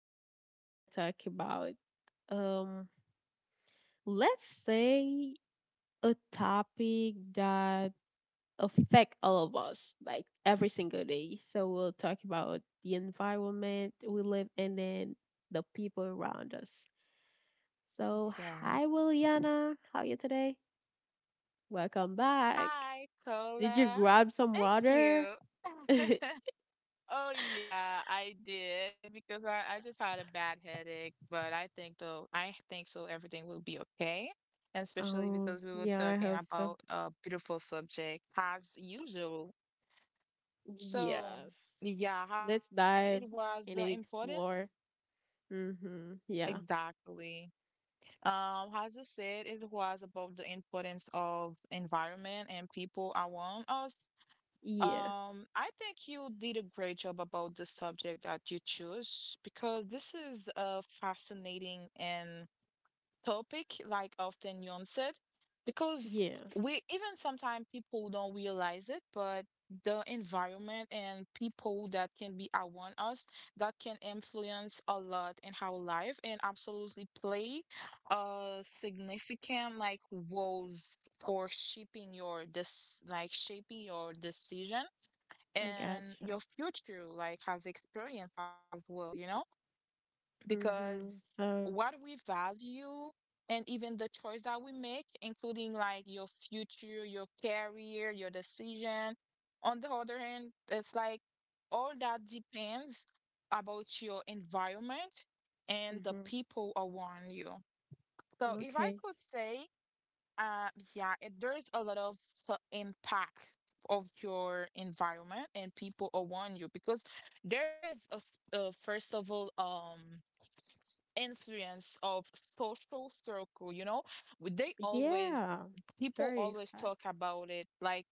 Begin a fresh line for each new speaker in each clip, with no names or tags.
today we're gonna talk about um let's say a topic that affect all of us like every single day. So we'll talk about the environment we live in and the people around us. So
Yeah.
hi Williana, how are you today? Welcome back.
Hi,
Did you
Cola.
grab some
Thank
water?
you. Oh yeah, I did because I just had a bad headache, but I think so everything will be okay. And especially
Oh
because we were
yeah, I
talking
hope so.
about a beautiful subject as usual. So
Yes.
yeah, as you
Let's
said, it
dive
was the
and then
importance.
explore. Mm-hmm. Yeah.
Exactly. As you said, it was about the importance of environment and people around us.
Yeah.
I think you did a great job about the subject that you chose, because this is a fascinating and topic, like often Yon said, because
Yeah.
we even sometimes people don't realize it, but the environment and people that can be around us, that can influence a lot in our life and absolutely play a significant, like, roles for shaping your this like shaping your decision
I
and
gotcha.
your future, like, has experience as well,
Mm-hmm.
because
So,
what we value, and even the choice that we make, including like your future, your career, your decision. On the other hand, it's like all that depends about your environment and the
mm-hmm.
people around you. So if I
Okay.
could say, uh, yeah, there's a lot of impact of your environment and people around you, because there is first of all, influence of social circle, you know? They always,
Yeah.
people
Very
always
fact.
talk about it, like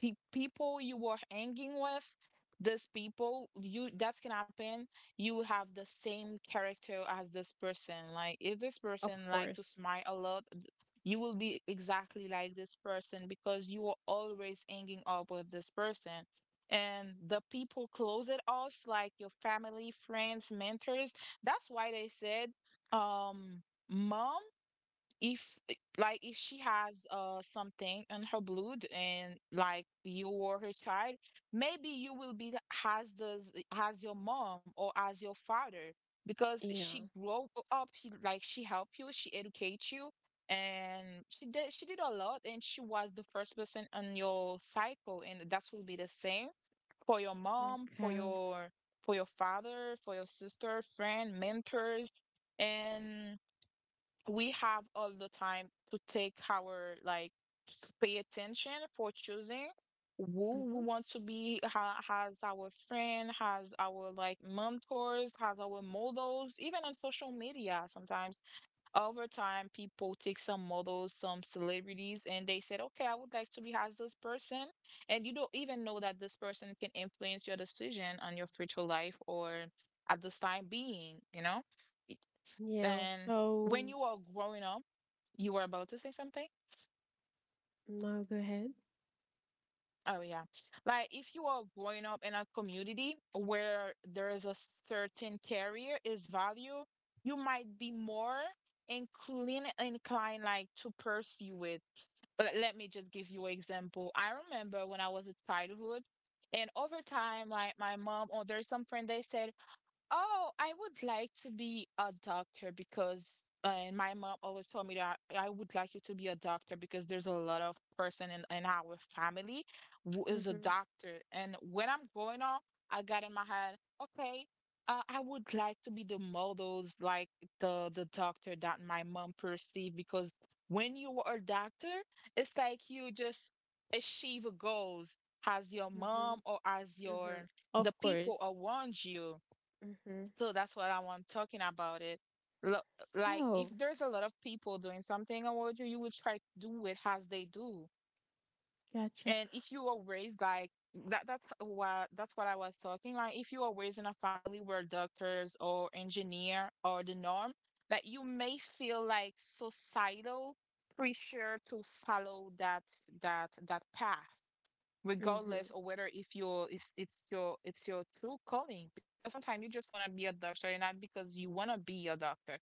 pe people you were hanging with, this people, that can happen. You have the same character as this person. Like, if this
Of
person like to
course.
smile a lot, you will be exactly like this person because you are always hanging up with this person, and the people close it us, like your family, friends, mentors. That's why they said, um, mom, if eh, like if she has something in her blood and like you or her child, maybe you will be as the as your mom or as your father, because she
Yeah.
grew up, like she helped you, she educates you, and she did a lot, and she was the first person on your cycle, and that will be the same for your mom, for
Okay.
your father, for your sister, friend, mentors. And we have all the time to take our, like, pay attention for choosing who
Mm-hmm.
we want to be, has our friend, has our, like, mentors, has our models, even on social media sometimes. Over time, people take some models, some celebrities, and they said, okay, I would like to be as this person, and you don't even know that this person can influence your decision on your future life, or at this time being. It-
Yeah.
and
So,
when you are growing up, you were about to say something.
now go ahead.
Oh yeah, like if you are growing up in a community where there is a certain career is value, you might be more inclined, like, to pursue it. But let me just give you an example. I remember when I was a childhood, and over time, like my mom or there's some friend, they said, oh, I would like to be a doctor because and my mom always told me that I would like you to be a doctor, because there's a lot of person in our family who is a
Mm-hmm.
doctor. And when I'm growing up, I got in my head, okay, I would like to be the models, like the doctor that my mom perceived, because when you are a doctor, it's like you just achieve goals as your mom or
Mm-hmm.
as
Mm-hmm.
your the
Of
people
course.
around you.
Mm-hmm.
So that's what I want talking about it. Lo- Like if
So,
there's a lot of people doing something around you, you will try to do it as they do.
gotcha.
And if you were raised like that, that's what I was talking. Like if you were raised in a family where doctors or engineer or the norm, that you may feel like societal pressure to follow that path,
Mm-hmm.
regardless of whether if you're it's your true calling, because sometimes you just want to be a doctor, and not because you want to be a doctor,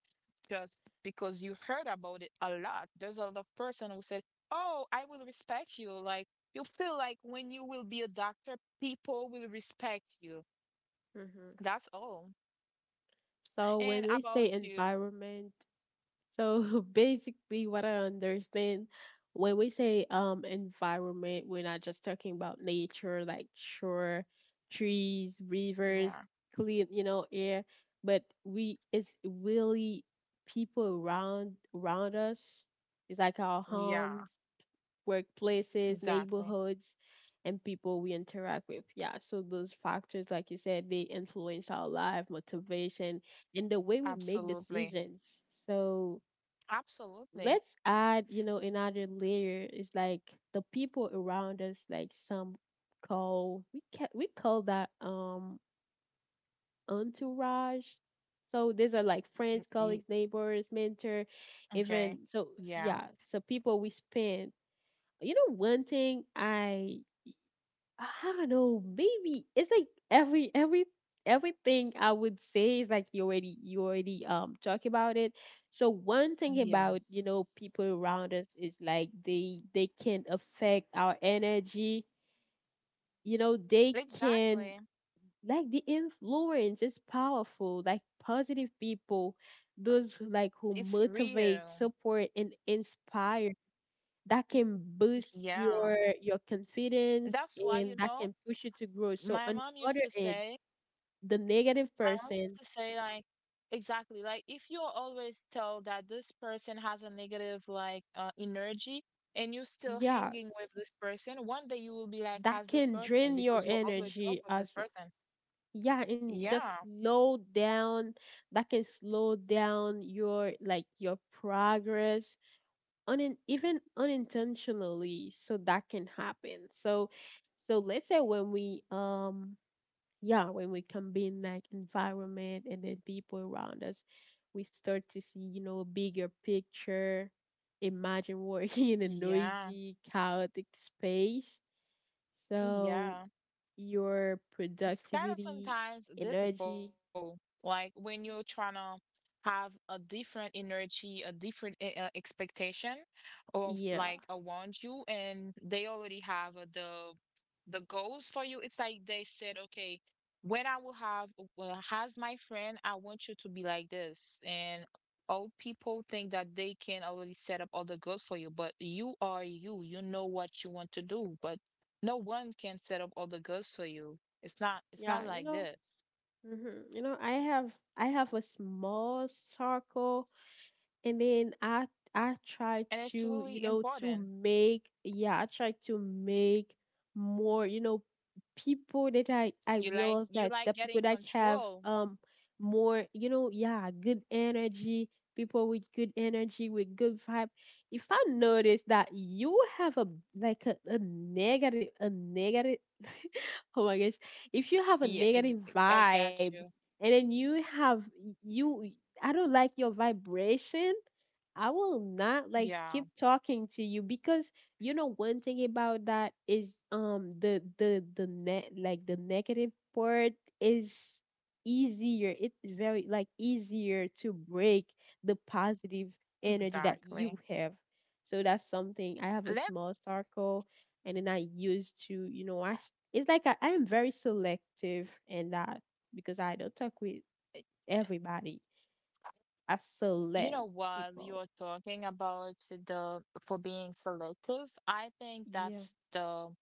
just because you heard about it a lot. There's a lot of person who said, oh, I will respect you, like you feel like when you will be a doctor, people will respect you.
Mm-hmm.
That's all
So, when
and
we say
about you.
environment, so basically, what I understand when we say environment, we're not just talking about nature like shore, trees, rivers,
Yeah,
clean, air, but we it's really people around us. It's like our homes,
yeah.
workplaces,
Exactly.
neighborhoods, and people we interact with. Yeah, so those factors, like you said, they influence our life, motivation, and the way we make
Absolutely,
decisions. So
absolutely.
let's add, you know, another layer is like the people around us, like some call we call that entourage. So these are like friends,
Mm,
colleagues,
mm.
neighbors, mentor, even
Okay.
so
Yeah,
yeah, so people we spend. One thing I don't know. Maybe it's like everything I would say is like you already talk about it. So one thing about
yeah.
you know people around us is like they can affect our energy. You know they can,
Exactly.
like the influence is powerful. Like positive people, those like who
It's
motivate,
real.
support, and inspire, that can boost
Yeah.
your
And
confidence
that's why,
and
you
that
know,
can push you to grow. So
my
on
mom
the
used
other
to
end,
say,
the negative person,
like, exactly, like, if you always tell that this person has a negative, like, energy, and you're still
yeah,
hanging with this person, one day you will be like,
that
has this
can
person,
drain your
because you always talk
energy
with this
as well.
person.
Yeah, and just
Yeah.
slow down. That can slow down your like your progress on even unintentionally. So that can happen. So let's say when we yeah, when we combine like environment and then people around us, we start to see, you know, a bigger picture. Imagine working in a noisy,
Yeah.
chaotic space. So
Yeah.
your
It's kind
productivity,
of sometimes
energy,
difficult, like when you're trying to have a different energy, a different expectation of,
yeah,
like, around you, and they already have the goals for you. It's like they said, okay, when I will have, well, has my friend, I want you to be like this, and all people think that they can already set up all the goals for you, but you are you. You know what you want to do, but no one can set up all the goals for you. It's not
yeah, you
like
know,
this.
hmm, you know, I have a small circle and then I
And
try
it's
to
really
you know
important.
to make yeah I try to make more you know people that I
You like
realize
you
that the
like
people
getting
that have
control.
more you know yeah good energy, people with good energy with good vibe. If I notice that you have a like a negative a negative oh my gosh, if you have a
Yeah,
negative
I
vibe
got you.
and then you have you, I don't like your vibration, I will not like
Yeah,
keep talking to you, because you know one thing about that is the net like the negative part is easier. It's very like easier to break the positive energy that
exactly.
you have. So that's something I have a
Let
small circle and then I used to, you know, it's like I am very selective in that because I don't talk with everybody. I
You know,
select
while
people.
you're talking about the for being selective, I think
Yeah,
that's the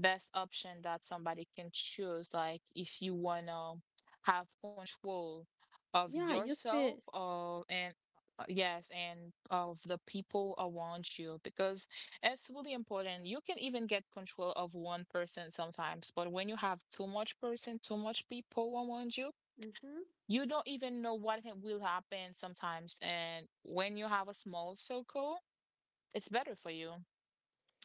best option that somebody can choose. Like, if you wanna have control of
yeah. You
yourself,
spend.
or and yes, and of the people around you, because it's really important. You can even get control of one person sometimes, but when you have too much person, too much people around you,
Hmm.
you don't even know what will happen sometimes. And when you have a small circle, it's better for you,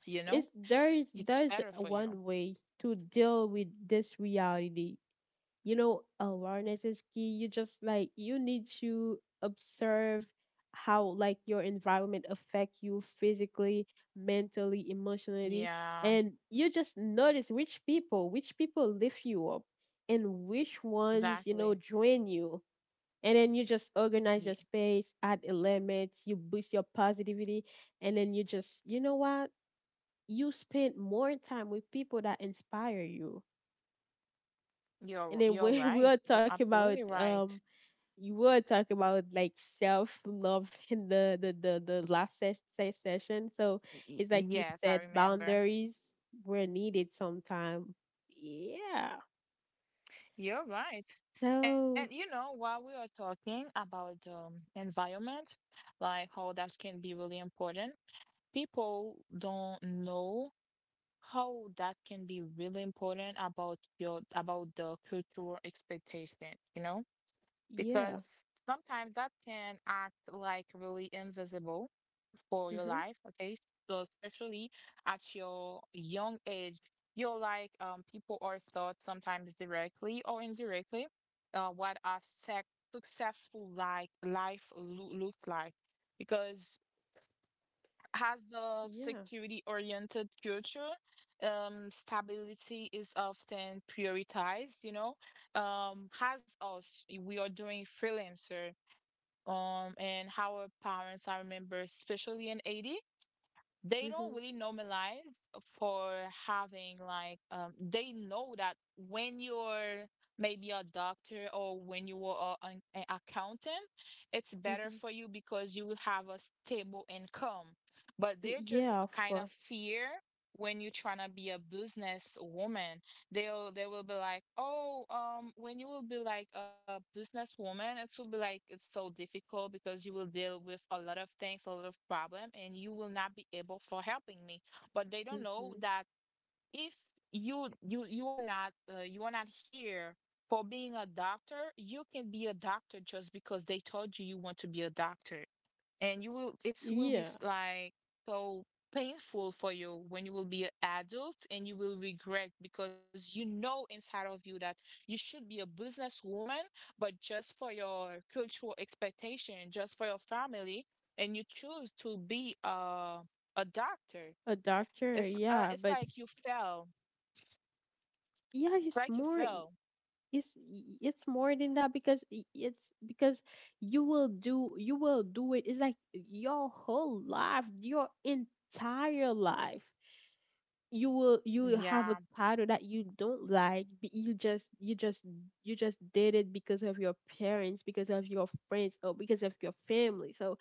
you know?
It's
It's
there's
better for you.
one way to deal with this reality. You know, awareness is key. You just like you need to observe how like your environment affect you physically, mentally, emotionally,
Yeah,
and you just notice which people lift you up and which ones you know
exactly.
drain you. And then you just organize your
Ye-
space, add elements, you boost your positivity, and then you just, you know what? You spend more time with people that inspire you. And
You're
then
you're
when we
right.
were
You're
talking about
absolutely right.
you were talking about like self love in the session. So it's like you
Yes, I
said
remember.
boundaries were needed sometime. Yeah.
You're right. And you
So
know, while we are talking about environment, like how that can be really important, people don't know how that can be really important about your about the cultural expectation, you know?
yeah.
Because sometimes that can act, like, really invisible for your
Mhm.
life, okay? So especially at your young age, you're like people are taught sometimes directly or indirectly, what a successful, like, life looks like, because has the
Yeah.
security oriented culture, stability is often prioritized, has us, we are doing freelancer, and how our parents, I remember, especially in 80, they don't
Mhm.
really normalize for having, like, they know that when you're maybe a doctor, or when you are a- an a accountant, it's better
Mhm.
for you because you will have a stable income, but
Mm,
they're just
yeah, of
kind of
course.
fear when you're trying to be a business woman. They will be like, oh, when you will be like a businesswoman, it will be like it's so difficult because you will deal with a lot of things, a lot of problem, and you will not be able for helping me. But they don't know
Mhm.
that if you are not here for being a doctor, you can be a doctor just because they told you you want to be a doctor, and you will it will be,
Yeah,
like, so painful for you when you will be an adult, and you will regret, because you know inside of you that you should be a businesswoman, but just for your cultural expectation, just for your family, and you choose to be a doctor.
a doctor.
it's uh,
Yeah,
it's
but
like you
s-
fell.
yeah,
it's
it's
like you
more.
fell
It's it's more than that because it's because you will do it. It's like your whole life, your entire life. You will have
yeah
a title that you don't like, but you just did it because of your parents, because of your friends, or because of your family. So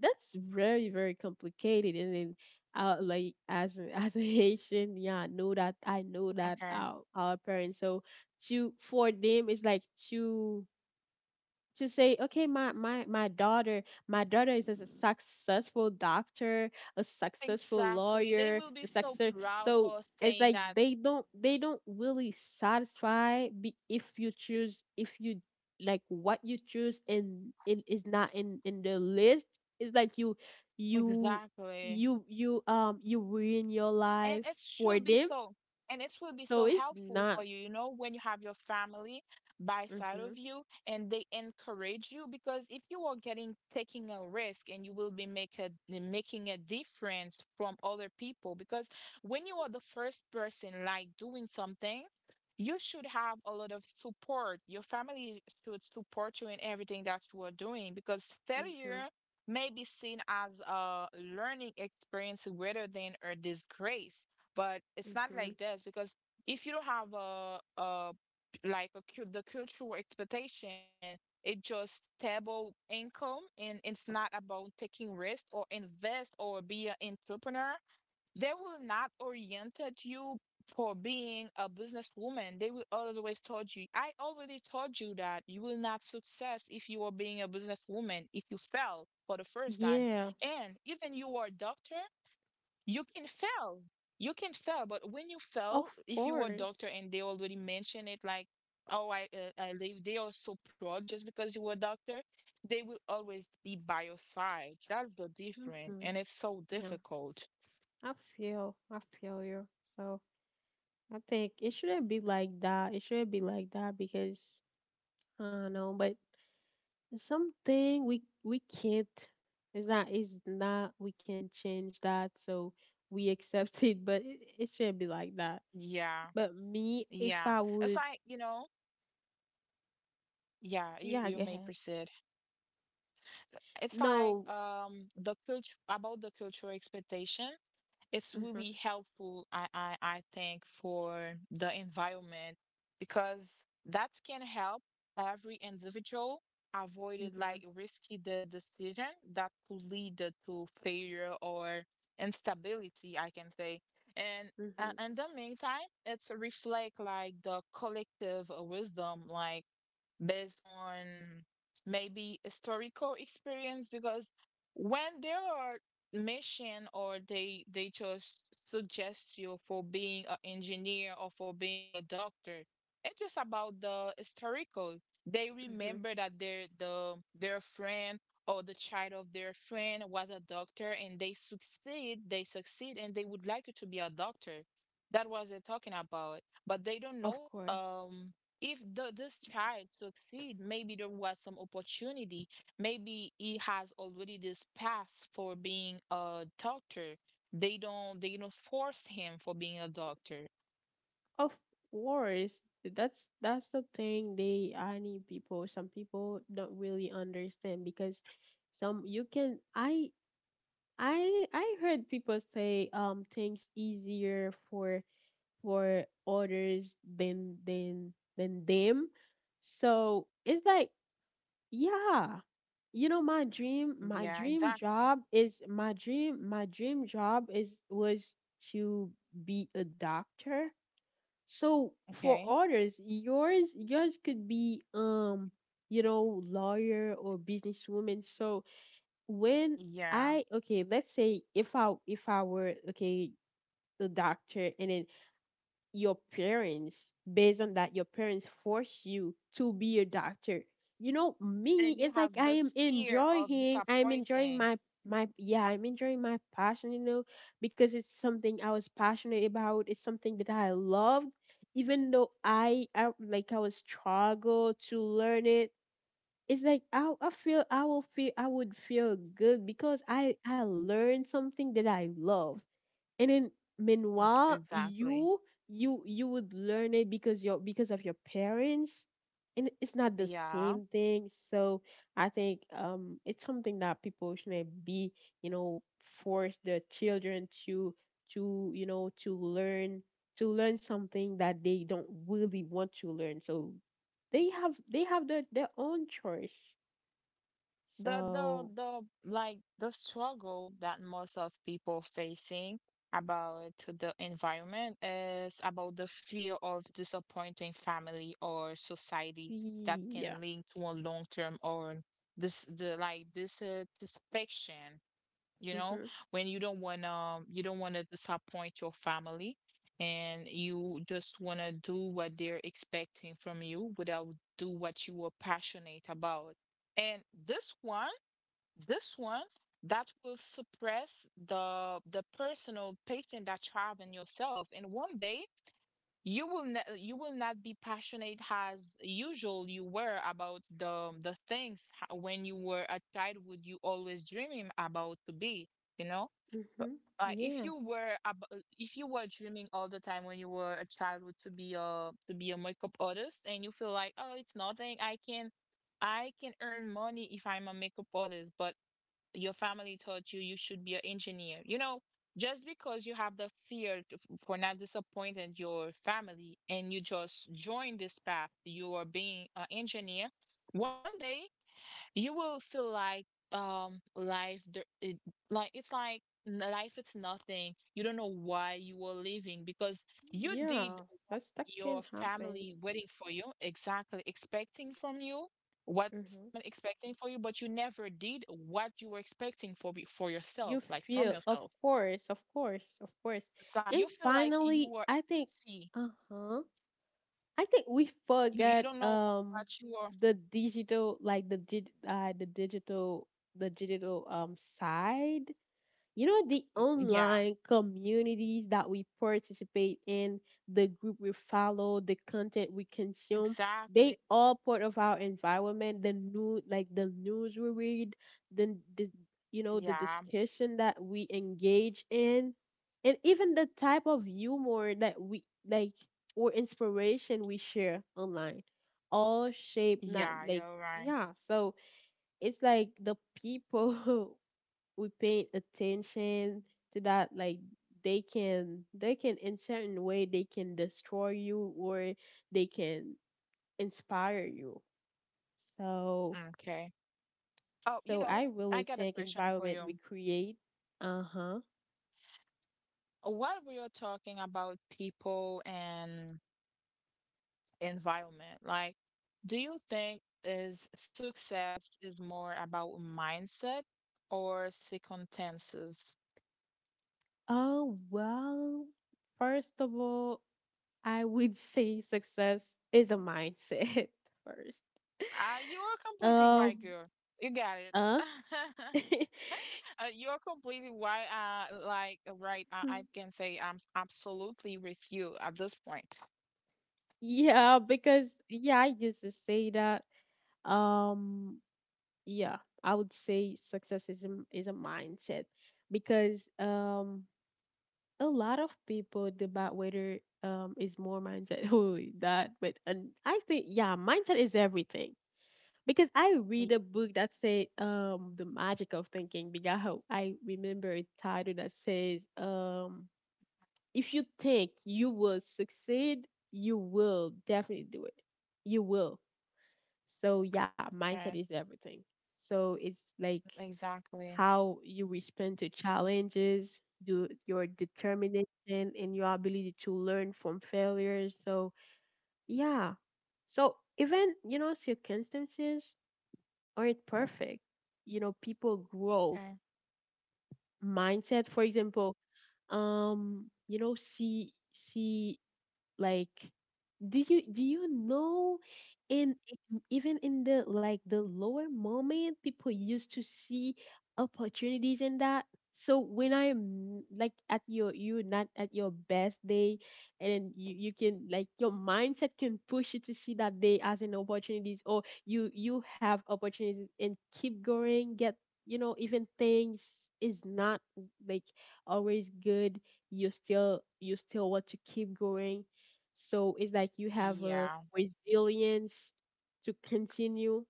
that's very complicated and then like as a, as a haitian, yeah, I know that,
okay,
our parents, so to for them it's like to to say, okay, my daughter, my daughter is a successful doctor, a successful
exactly, they
lawyer,
will be
a
so
success.
proud for
So it's
saying
like
that.
they don't really satisfy be, if you choose if you like what you choose and it is not in the list, it's like you
Exactly,
you um, you ruin your
and
life
it
for
should be
them.
so, and it will be
So
so
it's
helpful
not.
for you, you know, when you have your family by side of
Mhm.
you, and they encourage you. Because if you are getting taking a risk, and you will be, making a difference from other people, because when you are the first person, like, doing something, you should have a lot of support. Your family should support you in everything that you are doing, because failure
Mhm.
may be seen as a learning experience rather than a disgrace. But it's not
Mhm.
like this, because if you don't have a like a, cul- the cultural expectation, it's just stable income, and it's not about taking risk or invest or be an entrepreneur. They will not orientate you for being a businesswoman. They will always told you, I already told you that you will not success if you are being a businesswoman, if you fail for the first time.
Yeah,
And even you are a doctor, you can fail. You can fail, but when you
of
fail, if you are a doctor
course.
and they already mention it like, oh, I they are so proud just because you were a doctor, they will always be by your side. That's the different,
Hmm.
and it's so
Yeah,
difficult.
I I feel you. So I think it shouldn't be like that. It shouldn't be like that because I don't know, but something we can't. It's not. It's not. We can change that. So we accept it, but it shouldn't be like that.
Yeah.
But me, if
Yeah.
I
It's
would,
like, you know, yeah, you
yeah,
you
go
may
ahead.
proceed. It's like
No.
the culture about the cultural expectation. It's
Mm-hmm,
really helpful, I think, for the environment because that can help every individual avoided
mm-hmm,
like risky the decision that could lead to failure or instability, I can say. And
mm-hmm,
in the meantime, it's reflect like the collective wisdom, like based on maybe historical experience because when there are mission or they just suggest you for being an engineer or for being a doctor, it's just about the historical. They
mm-hmm.
remember that their friend or the child of their friend was a doctor and they succeed, and they would like you to be a doctor. That was they talking about, but they don't know.
Of course.
If the, this child succeed, maybe there was some opportunity. Maybe he has already this path for being a doctor. They don't force him for being a doctor.
Of course, that's the thing they I need people. Some people don't really understand because some you can I heard people say things easier for others than them. So it's like yeah, you know my
Yeah,
dream
exactly.
job is my dream job is was to be a doctor. So for
Okay.
others, yours could be you know, lawyer or businesswoman. So when
Yeah.
I, okay, let's say if I were okay, a doctor and then your parents, based on that your parents force you to be a doctor, you know
And
me
you
it's
have
like
this fear of
I'm enjoying
disappointing.
my my yeah I'm enjoying my passion, you know, because it's something I was passionate about, it's something that I loved, even though I like I was struggle to learn it. It's like I feel I would feel good because I learned something that I love. And then
Mm,
meanwhile
exactly.
you would learn it because your because of your parents, and it's not the
Yeah.
same thing. So I think it's something that people shouldn't be, you know, force their children to you know to learn, to learn something that they don't really want to learn. So they have their own choice.
the the
So
the like the struggle that most of people facing about the environment is about the fear of disappointing family or society that
yeah.
can link to a long term or this the like this satisfaction, you know.
Mhm.
When you don't want to disappoint your family and you just want to do what they're expecting from you without do what you were passionate about. And this one this one that will suppress the personal passion that you have in yourself, and one day you will you will not be passionate as usual you were about the things when you were a child. Would you always dreaming about to be? You know,
Mhm. Yeah.
if you were dreaming all the time when you were a child would to be a makeup artist, and you feel like, oh, it's nothing. I can earn money if I'm a makeup artist, but your family taught you you should be an engineer. You know, just because you have the fear for not disappointing your family, and you just join this path, you are being an engineer, one day you will feel like life there it, like life, it's nothing. You don't know why you were leaving because you did
Yeah,
what
that's that
your
can happen.
family waiting for you, exactly expecting from you, what
Hmm.
family expecting for you, but you never did what you were expecting for for
You
yourself, like from
feel, of
yourself.
course, of course, of course.
It's like you
And
feel like you
finally,
were,
I think,
see,
uh-huh, I think we
you
forgot
don't know what you are.
the digital, like the dig, the digital side. You know the
Yeah,
online communities that we participate in, the group we follow, the content we consume, they
exactly.
all part of our environment, the new like the news we read, the you know the
Yeah.
discussion that we engage in, and even the type of humor that we like or inspiration we share online, all shape
Yeah,
not
you're
like
right.
yeah. So it's like the people we pay attention to, that like they can, they can in certain way they can destroy you or they can inspire you. So
Okay. Oh, you
so
know,
I
I
really
got a
think
question for
environment we
you.
create. Uh-huh.
While we are talking about people and environment, like, do you think is success is more about mindset or circumstances?
Oh well, first of all, I would say success is a mindset first.
You are completely right,
Um.
girl. You got it.
Uh.
You're completely right. Like, right. I can say I'm absolutely with you at this point.
Yeah, because yeah I used to say that um yeah I would say success is a mindset, because a lot of people debate whether is more mindset who that but and I think yeah mindset is everything, because I read a book that said the magic of thinking bigaho I remember a title that says if you think you will succeed, you will definitely do it, you will. So yeah mindset is
Okay,
everything. So it's like
exactly.
how you respond to challenges, do your determination and your ability to learn from failures. So yeah. So even, you know, circumstances aren't perfect. You know, people growth
Okay.
mindset, for example, you know, see like do you know in in- even in the like the lower moment people used to see opportunities in that. So when I'm like at your you not at your best day, and then you can like your mindset can push you to see that day as an opportunities, or you have opportunities and keep going get, you know, even things is not like always good, you still want to keep going. So it's like you have a
Yeah.
resilience to continue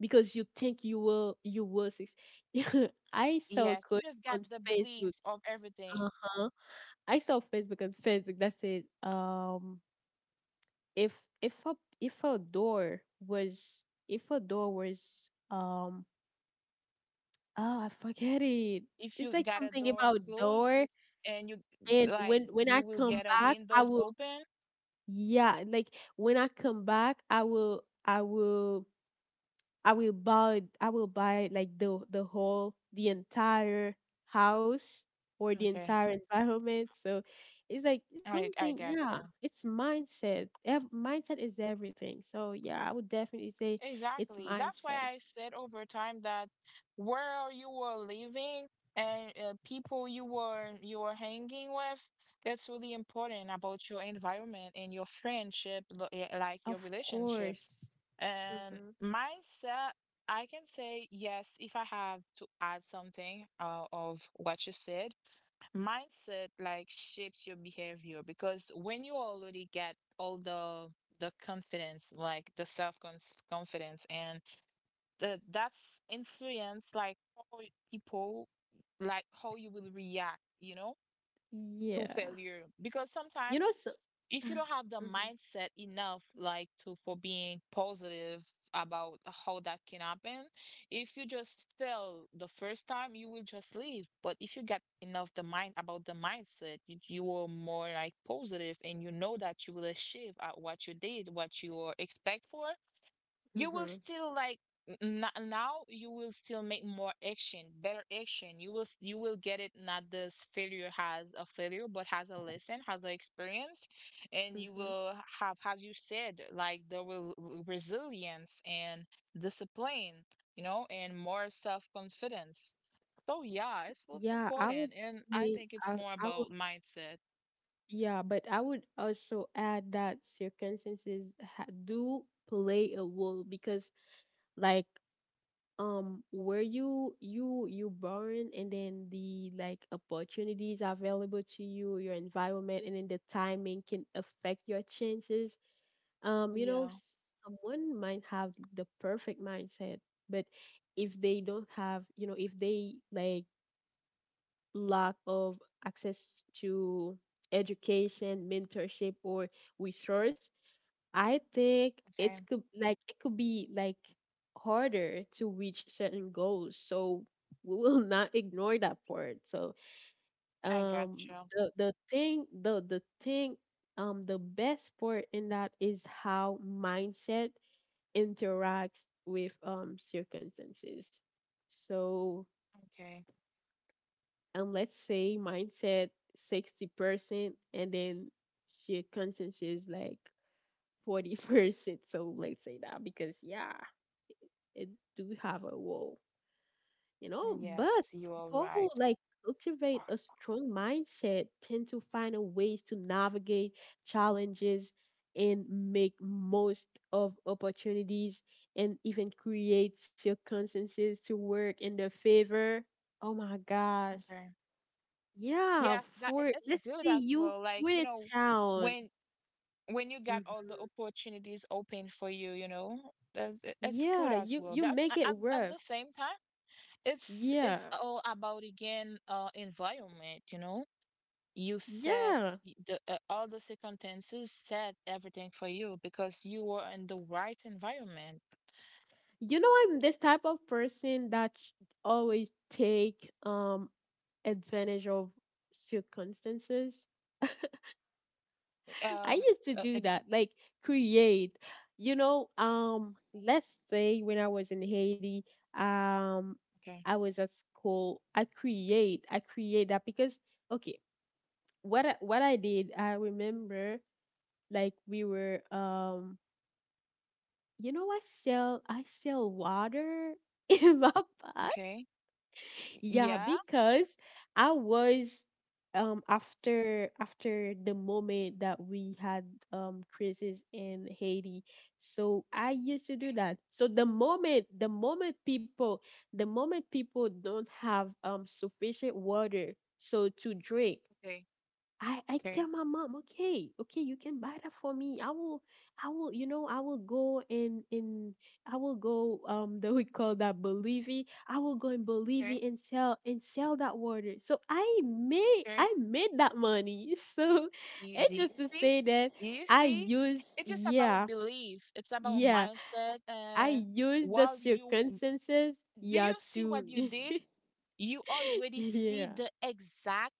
because you think you will succeed. I saw a
Yes,
quote
you just got
on
the belief
Facebook.
of everything.
Uh-huh. I saw Facebook on Facebook that said, if if a if a door was if a door was um oh, I forget it.
If you
It's like
got a
something
door
about
closed
door
and you
and when I
you will
come
get a
back I
windows
will.
open.
Yeah, like when I come back I will buy like the whole the entire house or the
Okay.
entire environment. So it's like
I
something,
got
yeah,
you.
it's mindset. Mindset is everything. So yeah, I would definitely say it's
Exactly. That's why
mindset.
I said over time that where you were living and people you were hanging with, it's really important about your environment and your friendship, like your
Of
relationship.
course.
And
Hmm.
mindset, I can say yes if I have to add something of what you said, mindset like shapes your behavior because when you already get all the confidence, like the self confidence, and the that's influence like how people how you will react, you know, to
Yeah.
failure because
You
sometimes
know, so,
if you
hmm.
don't have the mindset enough like to for being positive about how that can happen, if you just fail the first time you will just leave, but if you get enough the mind about the mindset, you are more like positive and you know that you will achieve at what you did, what you are expect for. You will
Hmm.
still like now you will still make more action, better action. You will you will get it, not this failure has a failure, but has a lesson, has an experience, and you
Hmm.
will have, as you said, like the resilience and discipline, you know, and more self-confidence. So yeah, it's really
Yeah, I would
important, and I
say,
think it's
I,
more
I
about mindset.
yeah, but I would also add that circumstances ha do play a role because, like, um, where you born, and then, the like, opportunities available to you, your environment, and then the timing can affect your chances. You know,
Yeah.
someone might have the perfect mindset, but if they don't have, you know, if they like lack of access to education, mentorship, or resource, I think it's
Okay.
could like it could be like harder to reach certain goals. So we will not ignore that part. So
I got you.
the thing the best part in that is how mindset interacts with circumstances. So,
Okay.
and let's say mindset 60% and then she conscience is like 40%, so let's say that because yeah, it do have a wall, you know. But
Yes, you are
people who,
right.
like, cultivate a strong mindset tend to find a ways to navigate challenges and make most of opportunities and even create circumstances to work in their favor. Oh my gosh.
Okay.
Yeah,
Yes, that
for
it's
let's
good
say
as
you
well. Like,
in
you
a
know,
town.
when you
Mhm.
got all the opportunities open for you, you know, that's it's good
Yeah,
as
you
well.
you
That's
make it
at
worth.
the same time, it's
Yeah.
all about again environment, you know. You set
Yeah.
y- the all the circumstances set everything for you because you were in the right environment.
You know, I'm this type of person that always take advantage of circumstances. I
Um,
used to do
it's
that, like, create. You know, um, let's say when I was in Haiti, um,
okay,
I was at school, I create that because, okay, what I did, I remember, like, we were um, you know, I sell water in my pot.
okay, Y-
Yeah,
yeah,
because I was after the moment that we had crisis in Haiti. So I used to do
okay,
that. So the moment people don't have sufficient water so to drink,
okay,
I tell
okay,
my mom, okay, okay, you can buy that for me. I will, you know, I will go and I will go, um, that we call that Bolivia. I will go in Bolivia
okay,
and sell that water. So I
okay.
made that money. So
You,
and
do
just
you
to
see?
say that
Do you
I
see?
use,
It's just about
yeah.
belief. It's about
Yeah,
mindset.
I use the
While you
circumstances,
and did you
yeah,
see what
to,
you did? You already see
yeah,
the exact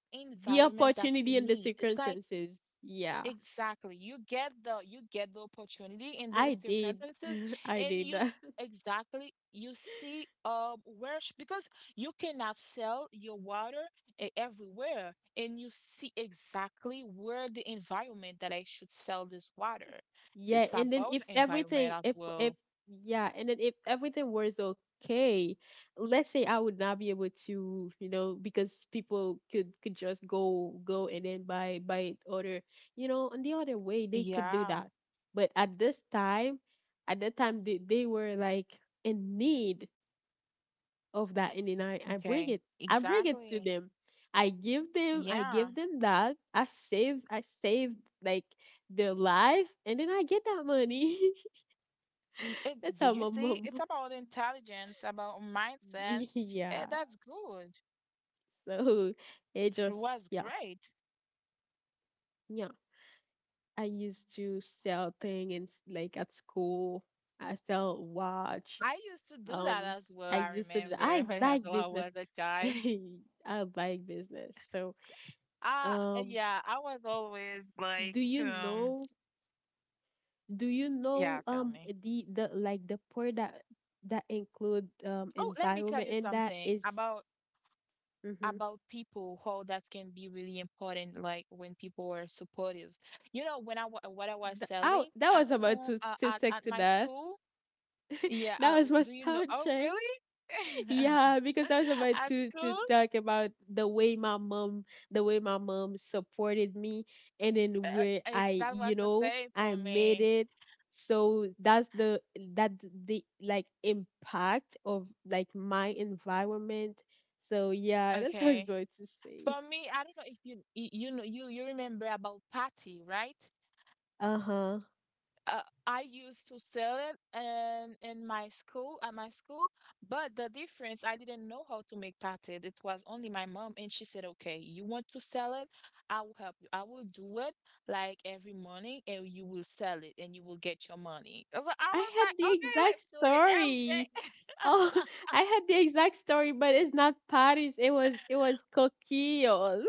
the
environment that you
opportunity and the
need. It's like
circumstances, yeah.
exactly. You get the opportunity in the
I did.
circumstances,
I
and
did
you
that.
exactly you see where because you cannot sell your water everywhere, and you see exactly where the environment that I should sell this water.
Yeah,
It's
and then
about
if
the environment
everything
as
if
well.
yeah, and then if everything was okay, let's say I would not be able to, you know, because people could just go and then buy other, you know, on the other way they could do
Yeah,
that. But at this time, at that time they were like in need of that, and then I bring
okay.
it. I bring it to
Exactly.
them. I
Yeah.
give them that. I save, like, their life, and then I get that money.
It,
That's
did
how
you
my
see? It's
mom.
about intelligence, about mindset.
Yeah.
That's good.
So it
It
just,
was
yeah,
great.
yeah. I used to sell thing and like at school I sell watch.
I used to do that
Um,
as well,
I
I
used to do that.
remember,
I
when as
like
well I
business.
was a child.
I like business. So,
Uh,
um,
yeah, I was always like,
do you know. Do you
yeah,
know,
tell
um,
me.
the like the poor that include
Oh, let me tell
environment
you
and that
something
is.
about
Mm-hmm.
people, how that can be really important, like when people are supportive. You know, when I what I was
The, ow,
selling
that
at
was about
home,
to
at
stick to
my
that.
school. Yeah,
That was my
do you know?
sound
Oh,
check.
really?
Yeah, because I was about
At
to
school,
talk about the way my mom, the way my mom supported me, and then where I,
that
you
was the
know,
same
I
for
made
me.
it. So that's that the like impact of like my environment. So yeah, that's what I was
Okay.
about to say.
For me, I don't know if you you know you remember about patty, right?
Uh-huh.
Uh, I used to sell it and in my school, but the difference I didn't know how to make patty. It was only my mom, and she said, "Okay, you want to sell it? I will help you. I will do it like every morning, and you will sell it, and you will get your money." I was like, I
I
was
had
like,
the
"Okay, like
exact
we're doing it every
story.
day."
Oh, I had the exact story, but it's not Paris. It was Coquille.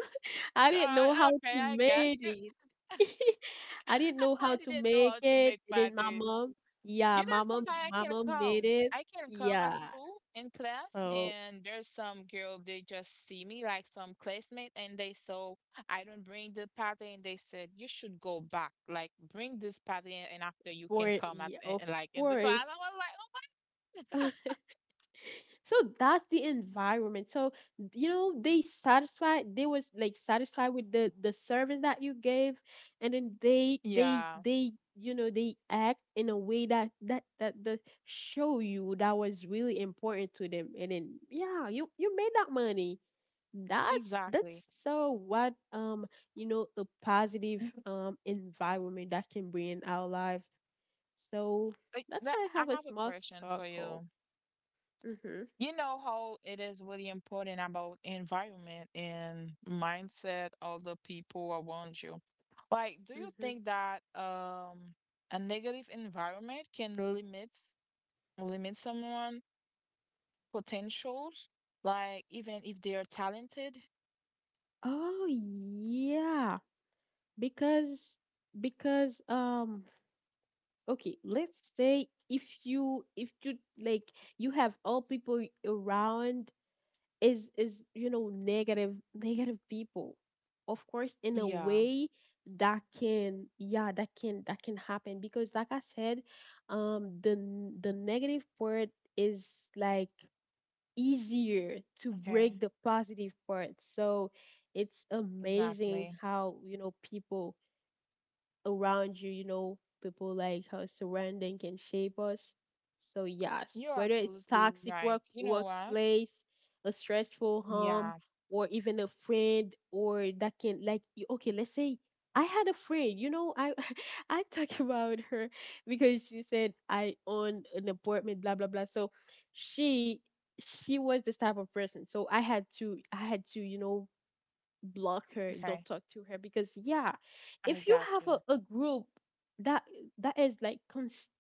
I didn't know how to
Okay, I got
make
you.
it. I didn't know
I
how to
didn't know how
make
to
it.
make
And then my
patty.
mom, yeah,
You know, sometimes I
my
can
mom made
come.
it.
I can come at
Yeah.
school in class,
So
and there's some girl, they just see me, like some classmate, and they saw I don't bring the pattern, and they said, you should go back. Like, bring this pattern, and after you
for,
can come at,
yeah, of
like, in the class. I
course.
was like, oh my.
So that's the environment. So you know they satisfied. They was like satisfied with the service that you gave, and then
Yeah,
they, you know, they act in a way that the show you that was really important to them. And then yeah, you made that money. That's
exactly.
so what you know a positive
Mhm.
environment that can bring in our life. So
Like,
that's
that,
why I have
I
a
have a
small
question for
circle.
you.
Mhm.
You know how it is really important about environment and mindset of the people around you. Like, do you
Mhm.
think that a negative environment can limit someone potentials? Like, even if they're talented?
Oh yeah, because because um okay, let's say if you like you have all people around is you know negative people. Of course, in a
Yeah,
way that can, yeah, that can happen because like I said, the negative part is like easier to
okay,
break the positive part. So it's
exactly.
amazing how, you know, people around you, you know, people like her surrounding can shape us. So yes,
You're
whether it's
absolutely
toxic
right. You know what?
workplace, a stressful
Yeah,
home, or even a friend or that can like okay, let's say I had a friend, you know, I, I talk about her because she said I own an apartment, blah blah blah. So she she was this type of person. So I had to, you know, block her,
okay,
don't talk to her because yeah,
I
if you
got
have
you.
a group that is like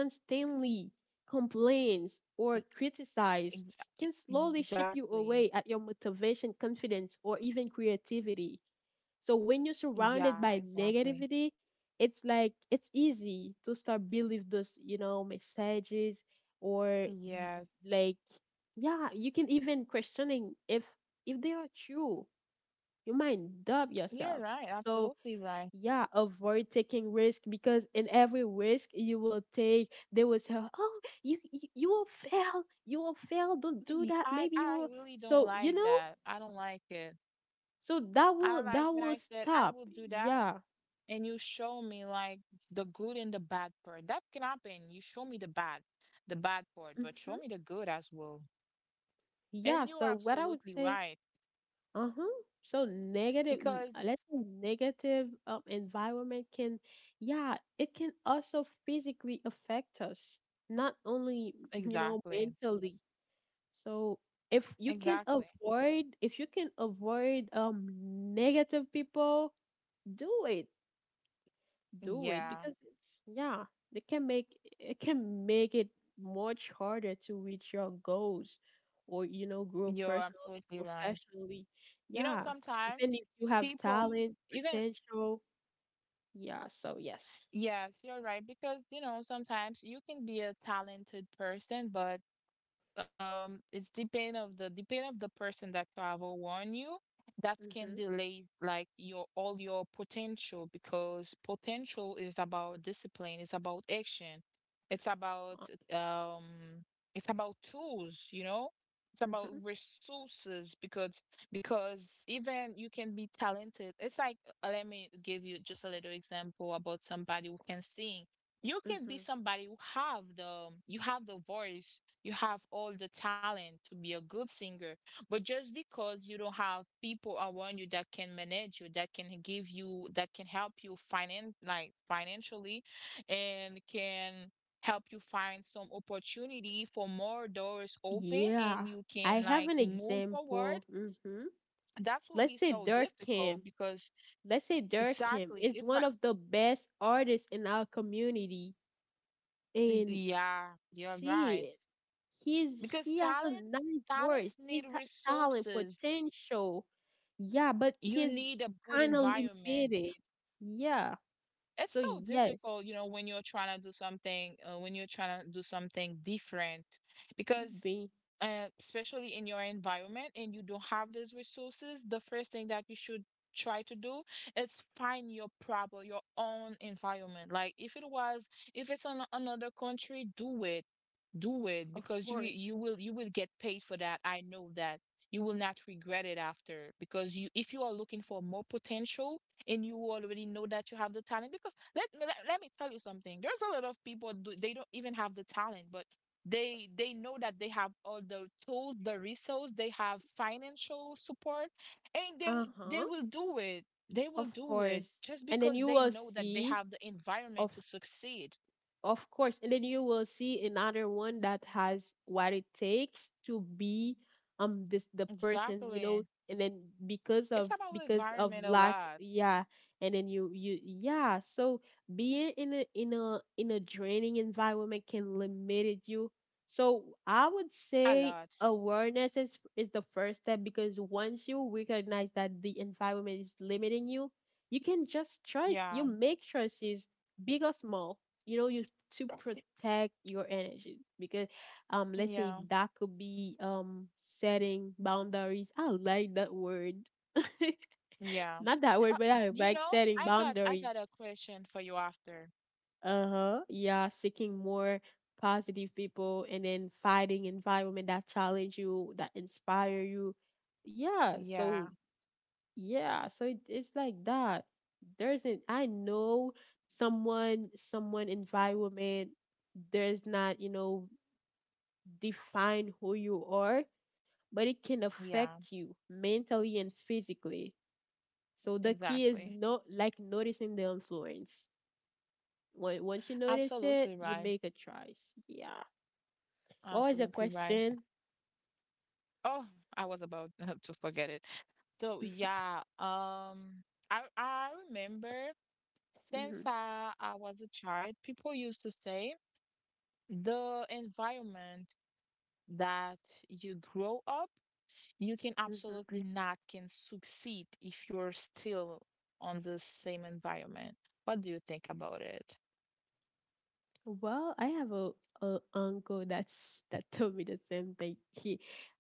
constantly complains or
E-
criticize, can slowly ship you
Exactly.
away at your motivation, confidence, or even creativity. So when you're surrounded
Yeah,
by
exactly.
negativity, it's like it's easy to start believe those, you know, messages or
Yes.
like, yeah, you can even questioning if they are true, you might dub
You're
yourself.
right,
So
absolutely right.
yeah, avoid taking risk because in every risk you will take, they will say, "Oh, you will fail, you will fail. Don't do that.
I
Maybe you will."
really don't
So you
like
know,
that. I don't like it.
so
I like
that
when
will
I said I
stop.
will do that
Yeah,
and you show me like the good and the bad part. That can happen. You show me the bad part, but show
hmm,
me the good as well.
yeah.
And you are
So what I would
absolutely
say,
right
uh huh. So negative,
because
let's say negative, environment can, yeah, it can also physically affect us, not only, you know,
exactly.
mentally. So if you can
Exactly.
avoid, um, negative people, do it. Do it
Yeah,
because it's, yeah, they can make, it much harder to reach your goals or, you know, grow
you're
personally,
absolutely right.
professionally.
You know,
Yeah.
sometimes
Even if you have
people
talent,
even
potential, yeah, so yes.
yes, you're right. Because, you know, sometimes you can be a talented person, but it's depend of the person that travel on you that can
Mhm.
delay like your all your potential because potential is about discipline, it's about action, it's about
Uh,
um it's about tools, you know, it's about
mhm.
resources because even you can be talented, it's like, let me give you just a little example about somebody who can sing. You can be
Mhm.
somebody who have the you have the voice, you have all the talent to be a good singer, but just because you don't have people around you that can manage you, that can give you, that can help you financially and can help you find some opportunity for more doors open
Yeah.
and you
I
can
have
like
an
move forward,
example. Mhm.
that will
Let's
be
say
so difficult
Durkheim.
because
Let's say Durkin
exactly,
is
it's
one
like,
of the best artists in our community, and
yeah, you're right.
she, he's
Because
he has a nice voice.
talents need
Talent,
resources,
potential. Yeah, but
you
he's
need a good
kind of
environment.
limited. Yeah.
It's
So
so
yes,
difficult, you know, when you're trying to do something, when you're trying to do something different, because
B,
especially in your environment and you don't have these resources, the first thing that you should try to do is find your proper, your own environment. Like if it was, if it's on another country, do it,
of
because you
course.
you will you will get paid for that. I know that you will not regret it after because you if you are looking for more potential and you already know that you have the talent because let me tell you something. There's a lot of people they don't even have the talent, but they know that they have all the tools, the resource, they have financial support, and they
Uh-huh.
will do it. They will
Of
do it
course.
just
And then
because
you
they
will
know that they
see,
have the
of.
environment to succeed.
Of course, and then you will see another one that has what it takes to be this the person, you know,
Exactly.
and then because
It's
of,
about the environment a
lack,
lot,
yeah, and then you yeah, so being in a in a draining environment can limit you. So I would
a
say
lot.
awareness is the first step because once you recognize that the environment is limiting you, you can just choice, you
Yeah,
make choices, big or small, you know, you to protect your energy because, um, let's say
yeah,
that could be setting boundaries. I like that word.
yeah.
not that
Uh,
word, but I
you
like
know,
setting
I got
boundaries.
a question for you after.
Uh-huh. Yeah, seeking more positive people and then fighting environment that challenge you, that inspire you. Yeah, so
Yeah,
yeah, it's like that. There's an I know someone, someone environment, there's not, you know, define who you are, but it can
yeah,
affect you mentally and physically. So the key is
exactly.
not like noticing the influence. When, once you notice it,
Absolutely
you
right.
make a choice. Yeah. What was your
Absolutely right.
question?
Oh, I was about to forget it. So yeah, I remember since
Hmm.
I was a child, people used to say the environment that you grow up. You can
Hmm.
absolutely not can succeed if you're still on the same environment. What do you think about it?
Well, I have a uncle that's that told me the same thing.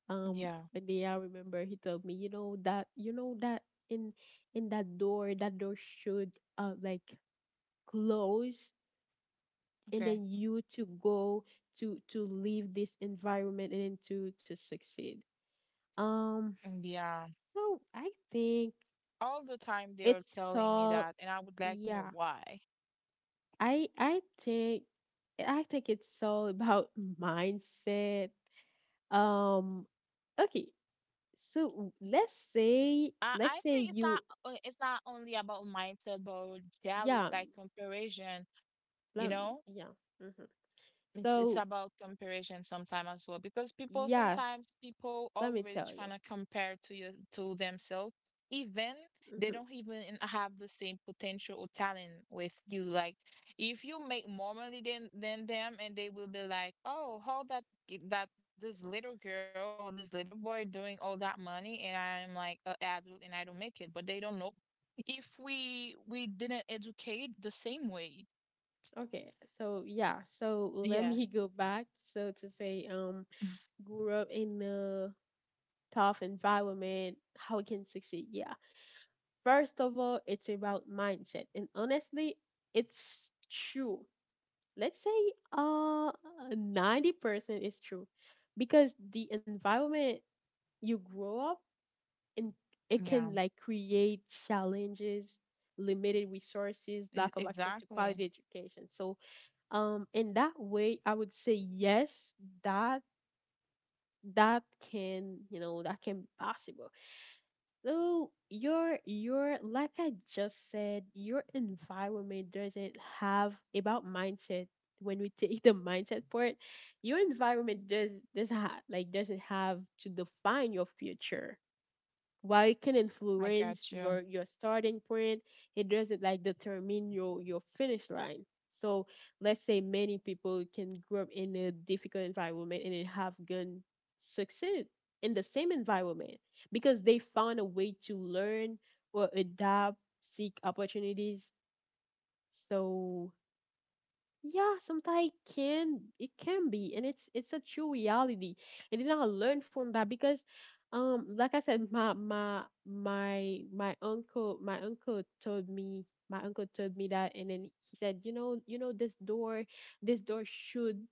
um,
Yeah,
and then I remember he told me, you know that in that door should like close and
okay.
then you to go to leave this environment and then to succeed, um.
And yeah.
So I think
All the time they
it's
were telling me
all,
that, and I would like to
yeah,
know why.
I I think I think it's all about mindset, um. Okay, so
I, I
let's
think
say you,
it's not only about mindset, but jealous,
yeah,
like comparison, you
let,
know?
yeah, mhm.
It's
So
about comparison sometimes as well because
yeah,
people
let me
always
tell you.
trying to compare to your to themselves even they
Mm-hmm.
don't even have the same potential or talent with you. Like if you make more money than them and they will be like, "Oh, how that that this little girl or this little boy doing all that money and I'm like an adult and I don't make it." But they don't know if we didn't educate the same way.
Okay, so yeah, so let
Yeah.
me go back. So to say, grew up in a tough environment, how we can succeed. Yeah, first of all, it's about mindset, and honestly, it's true. Let's say, uh, 90% is true, because the environment you grow up in, it can
Yeah.
like create challenges, limited resources, lack of access to quality
Exactly.
education. So in that way I would say yes, that that can, that can be possible. So your like I just said, your environment doesn't have about mindset. When we take the mindset part, your environment like doesn't have to define your future, while it can
I got
influence
you.
your starting point. It doesn't like determine your finish line. So let's say many people can grow up in a difficult environment and then have gun succeed in the same environment because they found a way to learn or adapt, seek opportunities. So yeah, sometimes it can be, and it's a true reality. And then I learned from that because like I said, my uncle, my uncle told me that. And then he said, this door, this door should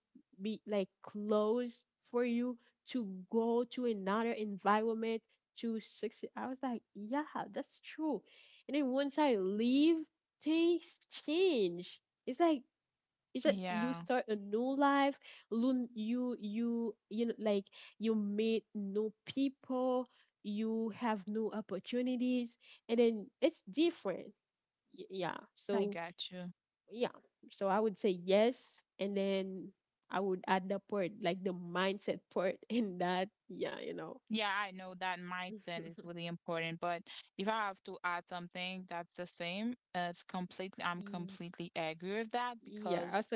be like closed for you to go to another environment to succeed. I was like, yeah, that's true. And then once I leave, things change. It's like, it's that you
Yeah,
start a new life. You you know, like, you meet new people, you have new opportunities, and then it's different. Yeah,
I
so
got you.
yeah, so I would say yes, and then I would add the part, like the mindset part, in that, yeah.
Yeah, I know that mindset is really important, but if I have to add something that's the same, it's completely, I'm
Y-
completely agree with that
yeah,
because
also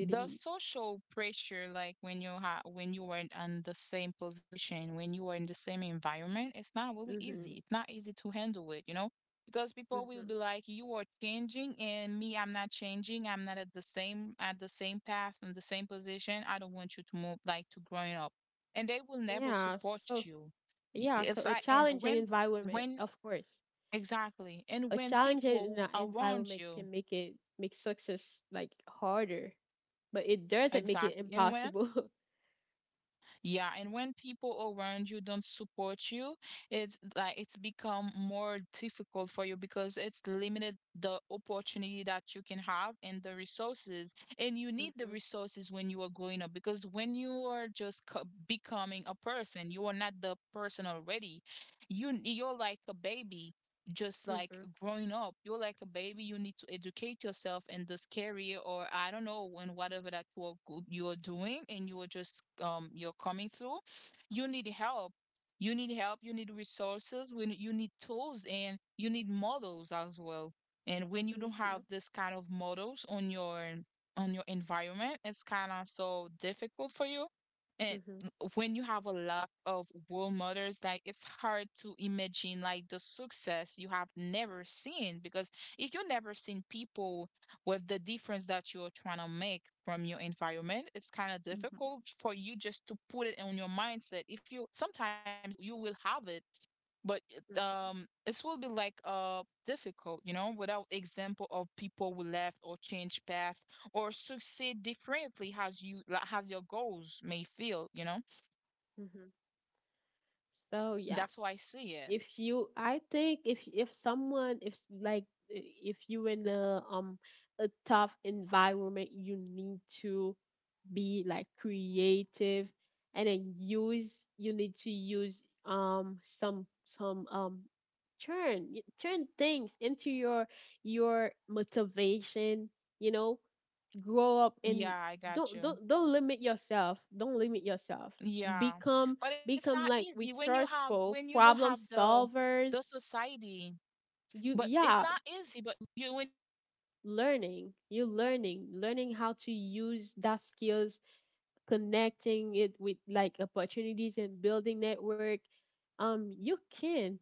the social pressure, like when you ha when you are in on the same position, when you are in the same environment, it's not really easy.
Hmm.
It's not easy to handle it, you know, because people will
Hmm.
be like, you are changing, and me, I'm not changing. I'm not at the same path and the same position. I don't want you to move like to growing up, and they will never
Yeah,
support
so
you. It's
a
like, and
challenging environment,
when,
of course,
exactly, and
a
when
challenging
people around
environment
you,
can make success like harder, but it doesn't make it
exactly, and
impossible.
yeah, and when people around you don't support you, it's become more difficult for you because it's limited the opportunity that you can have and the resources. And you need the resources when you are growing up because when you are just becoming a person, you are not the person already, you're like a baby, just
Mhm,
like
mhm,
growing up, you're like a baby, you need to educate yourself in this career or I don't know in whatever that work you're doing and you're just you're coming through. You need help, you need resources when you need tools and you need models as well. And when you don't
mhm,
have this kind of models on your environment, it's kind of so difficult for you. And
mhm.
when you have a lot of role models, like it's hard to imagine like the success you have never seen because if you never seen people with the difference that you're trying to make from your environment, it's kind of
Hmm. Mhm,
difficult for you just to put it on your mindset. If you will have it, but it, it will be like difficult, you know, without example of people who left or changed path or succeed differently as you like, as your goals may feel, you know.
mhm. So yeah,
That's how I see it.
if you, I think if someone, if like if you in a, a tough environment, you need to be like creative, and then use you need to use, some turn turn things into your motivation, you know grow up, and
Yeah, I
don't,
got you.
limit yourself.
Yeah.
Become,
But it's
become
not
like
easy when you have
resourceful
when you don't
problem
have the
solvers.
society.
You,
But it's
yeah,
not easy, but w- you when
learning you learning how to use that skills, connecting it with like opportunities and building network. You can,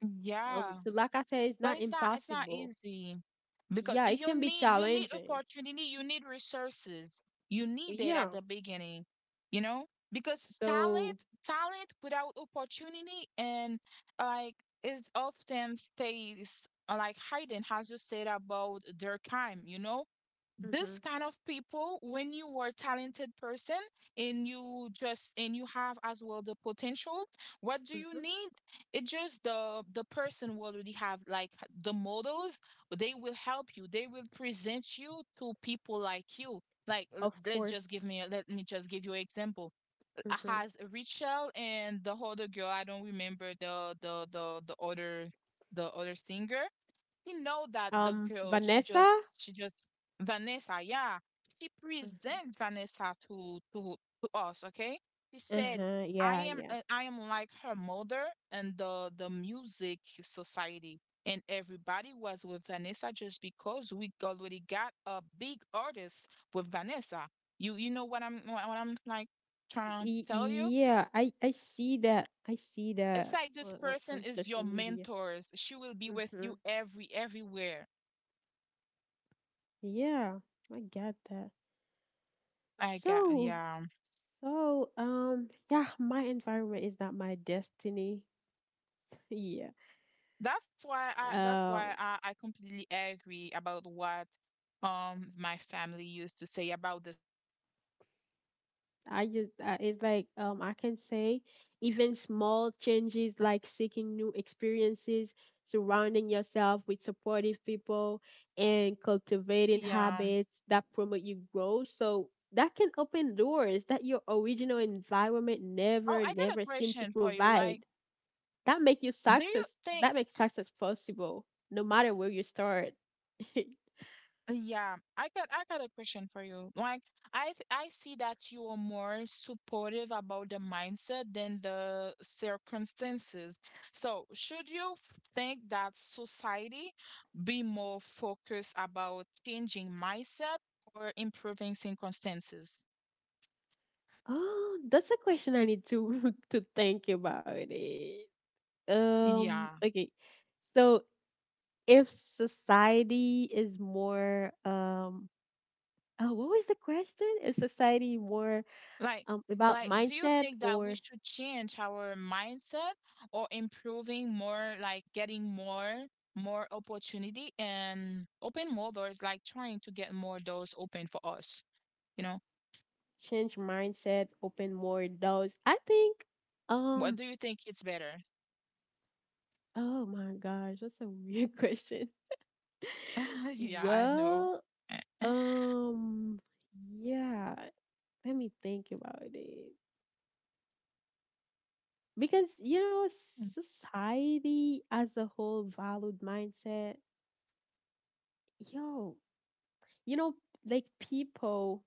yeah.
so like I said, it's
But
not
it's not,
impossible.
easy because
Yeah, it can be
you need
challenging.
opportunity, you need resources. You need it
Yeah,
at the beginning, you know? Because
so.
talent without opportunity and like is often stays like hiding as you said about their time, you know?
Hmm.
This kind of people, when you are a talented person and you just and you have as well the potential, what do you
Hmm.
need? It just the person will already have like the models. They will help you, they will present you to people like you, like
Of course.
let me just give you an example.
Hmm.
Has Rachel and the other girl, I don't remember the other, the other singer, he know that the girl,
Vanessa.
she just, Vanessa, yeah. She
Mm-hmm.
present Vanessa to, to us, okay? She said,
Uh-huh, yeah, yeah.
I am like her mother and the music society. And everybody was with Vanessa just because we already got a big artist with Vanessa. You know what what I'm like trying to tell you?
Yeah, I see that,
It's like this person
on
is
social
your
media.
mentors. She will be with
Hmm.
you everywhere.
Yeah, I got that,
I got,
so.
yeah.
So, yeah, my environment is not my destiny. Yeah.
That's
Um,
why I completely agree about what my family used to say about this.
it's like, I can say even small changes like seeking new experiences, surrounding yourself with supportive people, and cultivating
Yeah.
habits that promote your growth. So that can open doors that your original environment never,
Oh, I got
never
a
seemed to
question for you.
provide.
Like,
That make you
do
success,
you
that
think,
makes success possible, no matter where you start.
yeah, I got a question for you. Like, I see that you are more supportive about the mindset than the circumstances. So, should think that society be more focused about changing mindset or improving circumstances?
Oh, that's a question I need to to think about it.
Yeah.
Okay. So if society is more, oh, what was the question? Is society more,
Like,
about
like, do you
mindset,
think that we
or
should change our mindset or improving more, like getting more, more opportunity and open more doors, like trying to get more doors open for us? You know,
change mindset, open more doors? I think,
what
um
do you think it's better?
oh my gosh, that's a weird question.
Yeah, I know.
Well, um yeah, let me think about it. Because society as a whole valued mindset. Yo you know like people,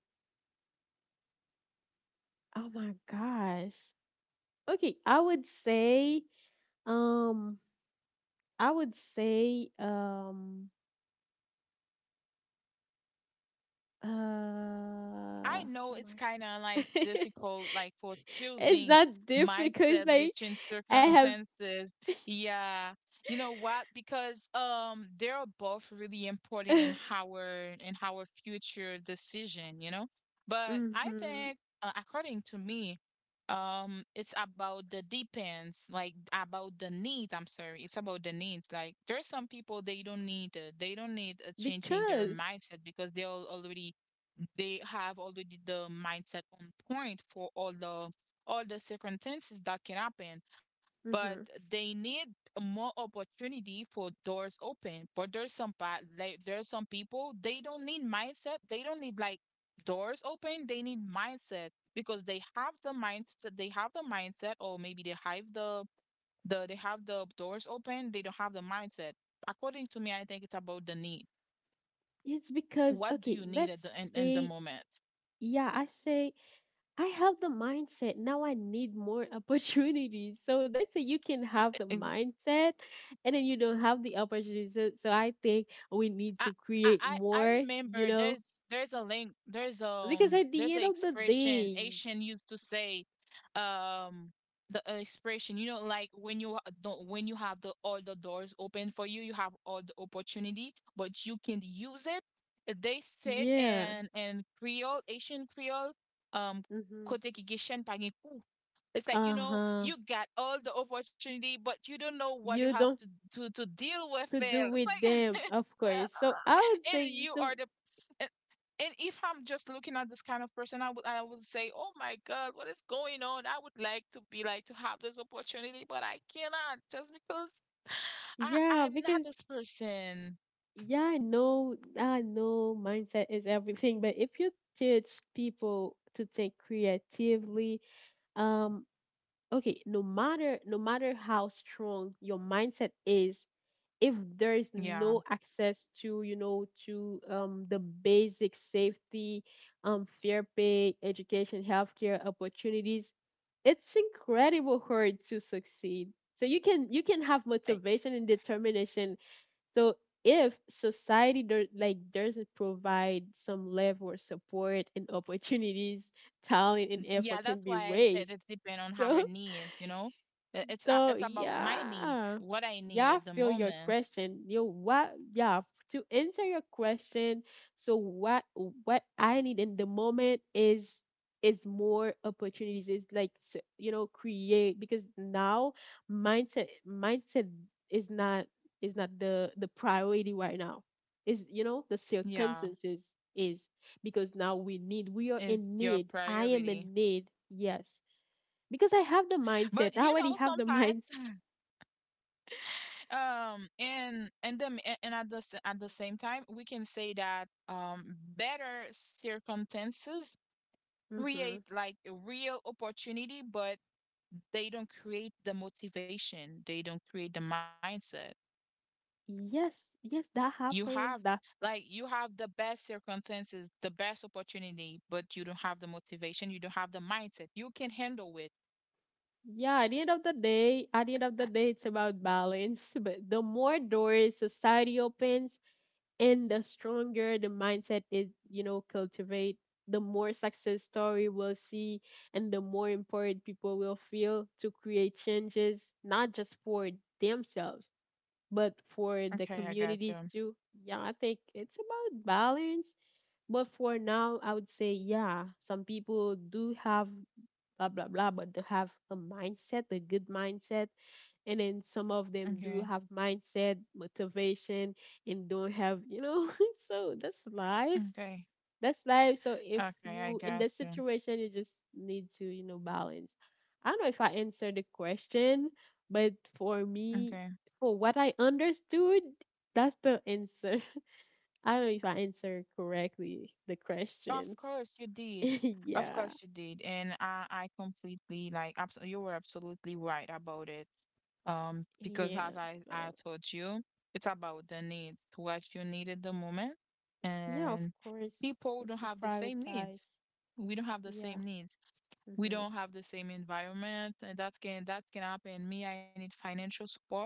oh my gosh. Okay, I would say, um I would say,
I know
oh
it's
my.
kind of like difficult, like for
It's
choosing
not difficult, it's
mindset
like
between
I have.
circumstances. Yeah. You know what? Because they are both really important in our future decision, you know? But I
Hmm.
think according to me, it's about the depends, like about the needs, I'm sorry. It's about the needs. Like there are some people they don't need changing their
Because.
mindset because they're already, they have already the mindset on point for all the circumstances that can happen, but
Hmm.
they need more opportunity for doors open. But there's some there's some people they don't need mindset, they don't need like doors open, they need mindset because they have the mindset, or maybe they have the they have the doors open, they don't have the mindset. According to me, I think it's about the need.
It's because,
What do
okay,
you need
let's
at in the
say,
moment?
yeah, I say I have the mindset. Now I need more opportunities. So let's say you can have the mindset and then you don't have the opportunities. So, I think we need
I
to create
I
more, you
remember
know,
there's a link
because at the
there's an
end of the
expression
day,
Asian used to say um the expression, you know, like when you ha- don't when you have the all the doors open for you, you have all the opportunity but you can use it. They said
yeah.
in Creole Asian Creole, um kote
Mm-hmm.
ki gishen pa gen kou. It's like, you know,
Uh-huh.
you got all the opportunity but you don't know what you
You
have to
don't
to deal with
to
it.
do
It's like
with them, of course. So I would
and
say
you are
so,
the, and, and if I'm just looking at this kind of person, I would say, "Oh my God, what is going on? I would like to be like to have this opportunity, but I cannot just because
yeah,
I'm not
because
this person."
yeah, I know mindset is everything, but if you teach people to think creatively, um okay, no matter how strong your mindset is, if there is no
Yeah.
access to, to, the basic safety, fair pay, education, healthcare, opportunities. It's incredible hard to succeed. So you can, have
I-
motivation and determination. So if society like doesn't provide some level of support and opportunities, talent and effort
Yeah,
can
that's
be
why I
waste.
said it depends on
So,
our needs, you know? It's about my need,
yeah,
what I need
yeah,
at the
feel your
moment.
question. You what? Yeah, to answer your question. So what? What I need in the moment is more opportunities. Is like create, because now mindset is not is not the priority right now. Is, the
Yeah,
circumstances is. Because now we are in
it's your
need. I am in
priority.
need. Yes, because I have the mindset.
But
I
you
already
know,
have the
sometimes
mindset.
And at at the same time, we can say that better circumstances
Hmm.
create like a real opportunity, but they don't create the motivation. They don't create the mindset.
Yes, yes, that
You have,
happened. That
like you have the best circumstances, the best opportunity, but you don't have the motivation. You don't have the mindset. You can handle it.
Yeah. At the end of the day, it's about balance. But the more doors society opens, and the stronger the mindset is, cultivate. The more success story we'll see, and the more important people will feel to create changes, not just for themselves, but for the
Okay, I got
communities
you.
too. Yeah, I think it's about balance, but for now I would say yeah, some people do have blah blah blah, but they have a good mindset, and then some of them do
Okay,
have mindset, motivation, and don't have, so
okay,
that's life So if
okay, I
you in
got
this
you.
situation, you just need to, balance. I don't know if I answered the question, but for me,
Okay.
for what I understood, that's the answer. I don't know if I answered correctly the
Of
question.
course you did. Of
Yeah,
course you did. And I completely like absolutely you were absolutely right about it. Because
yeah.
as I,
So
I told you, it's about the needs, what you need at the moment.
yeah, of
And
course,
people
but
don't
to
have the same
prioritize.
needs. We don't have the
Yeah.
same needs. We
Mhm.
don't have the same environment, and that can happen. Me, I need financial support,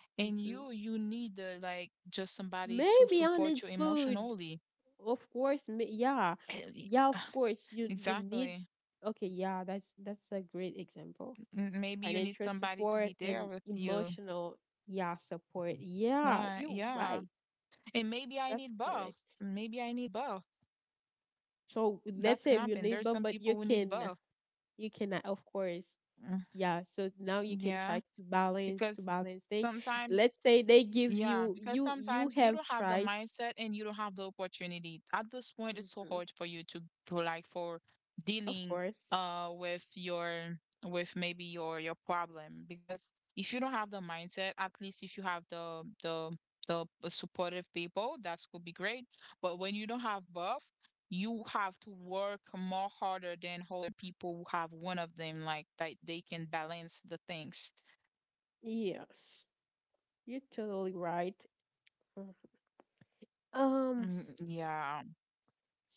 and you,
Mhm.
you need like just somebody to
Maybe I
support you
need food.
emotionally.
Of course, yeah,
Eh, y-
yeah. Of course, you need.
Exactly.
Okay, yeah, that's, a great example.
Maybe you need
Financial
somebody to be
support,
there
and
with you.
emotional, yeah, support. Yeah, you're
Yeah.
right.
And maybe I need
That's
both.
correct.
Maybe I need both.
So
That
let's
can
say you
happen. There's
need
some
both, but
people who need both.
you cannot, of course.
Mm,
Yeah. So now you can
yeah.
try to balance,
Because
thing.
sometimes
Let's say they give
Yeah,
you
because
you you
sometimes you
have
don't have the
tries.
mindset and you don't have the opportunity. At this point, it's so
Hmm.
hard for you to like for
Of
dealing
course.
with your with maybe your problem because if you don't have the mindset, at least if you have the supportive people, that could be great. But when you don't have both, you have to work more harder than other people who have one of them, like that they can balance the things.
Yes, you're totally right. Mm-hmm. Um,
Mm, yeah.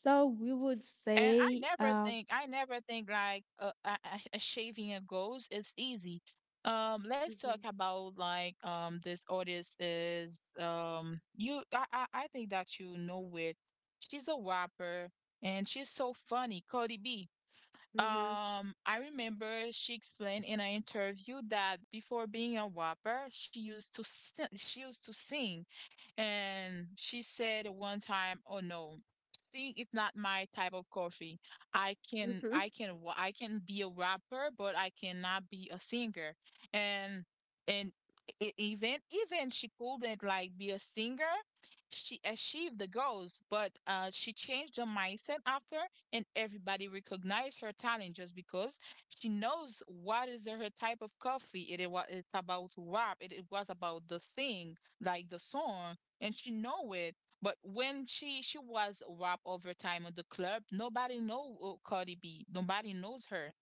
so we would
And I
say,
never think, I never think like achieving a ghost is easy. Let's
hmm,
talk about like this artist is you I think that you know it. She's a rapper and she's so funny, Cardi B.
hmm,
I remember she explained in an interview that before being a rapper, she used to sing and she said one time, "Oh no, seeing is not my type of coffee.
hmm,
I can be a rapper, but I cannot be a singer." And and even she couldn't like be a singer. She achieved the goals, but she changed her mindset after, and everybody recognized her talent just because she knows what is her type of coffee. It's about rap. It was about the sing, like the song, and she know it. But when she was rap over time at the club, nobody know Cardi B. Nobody knows her.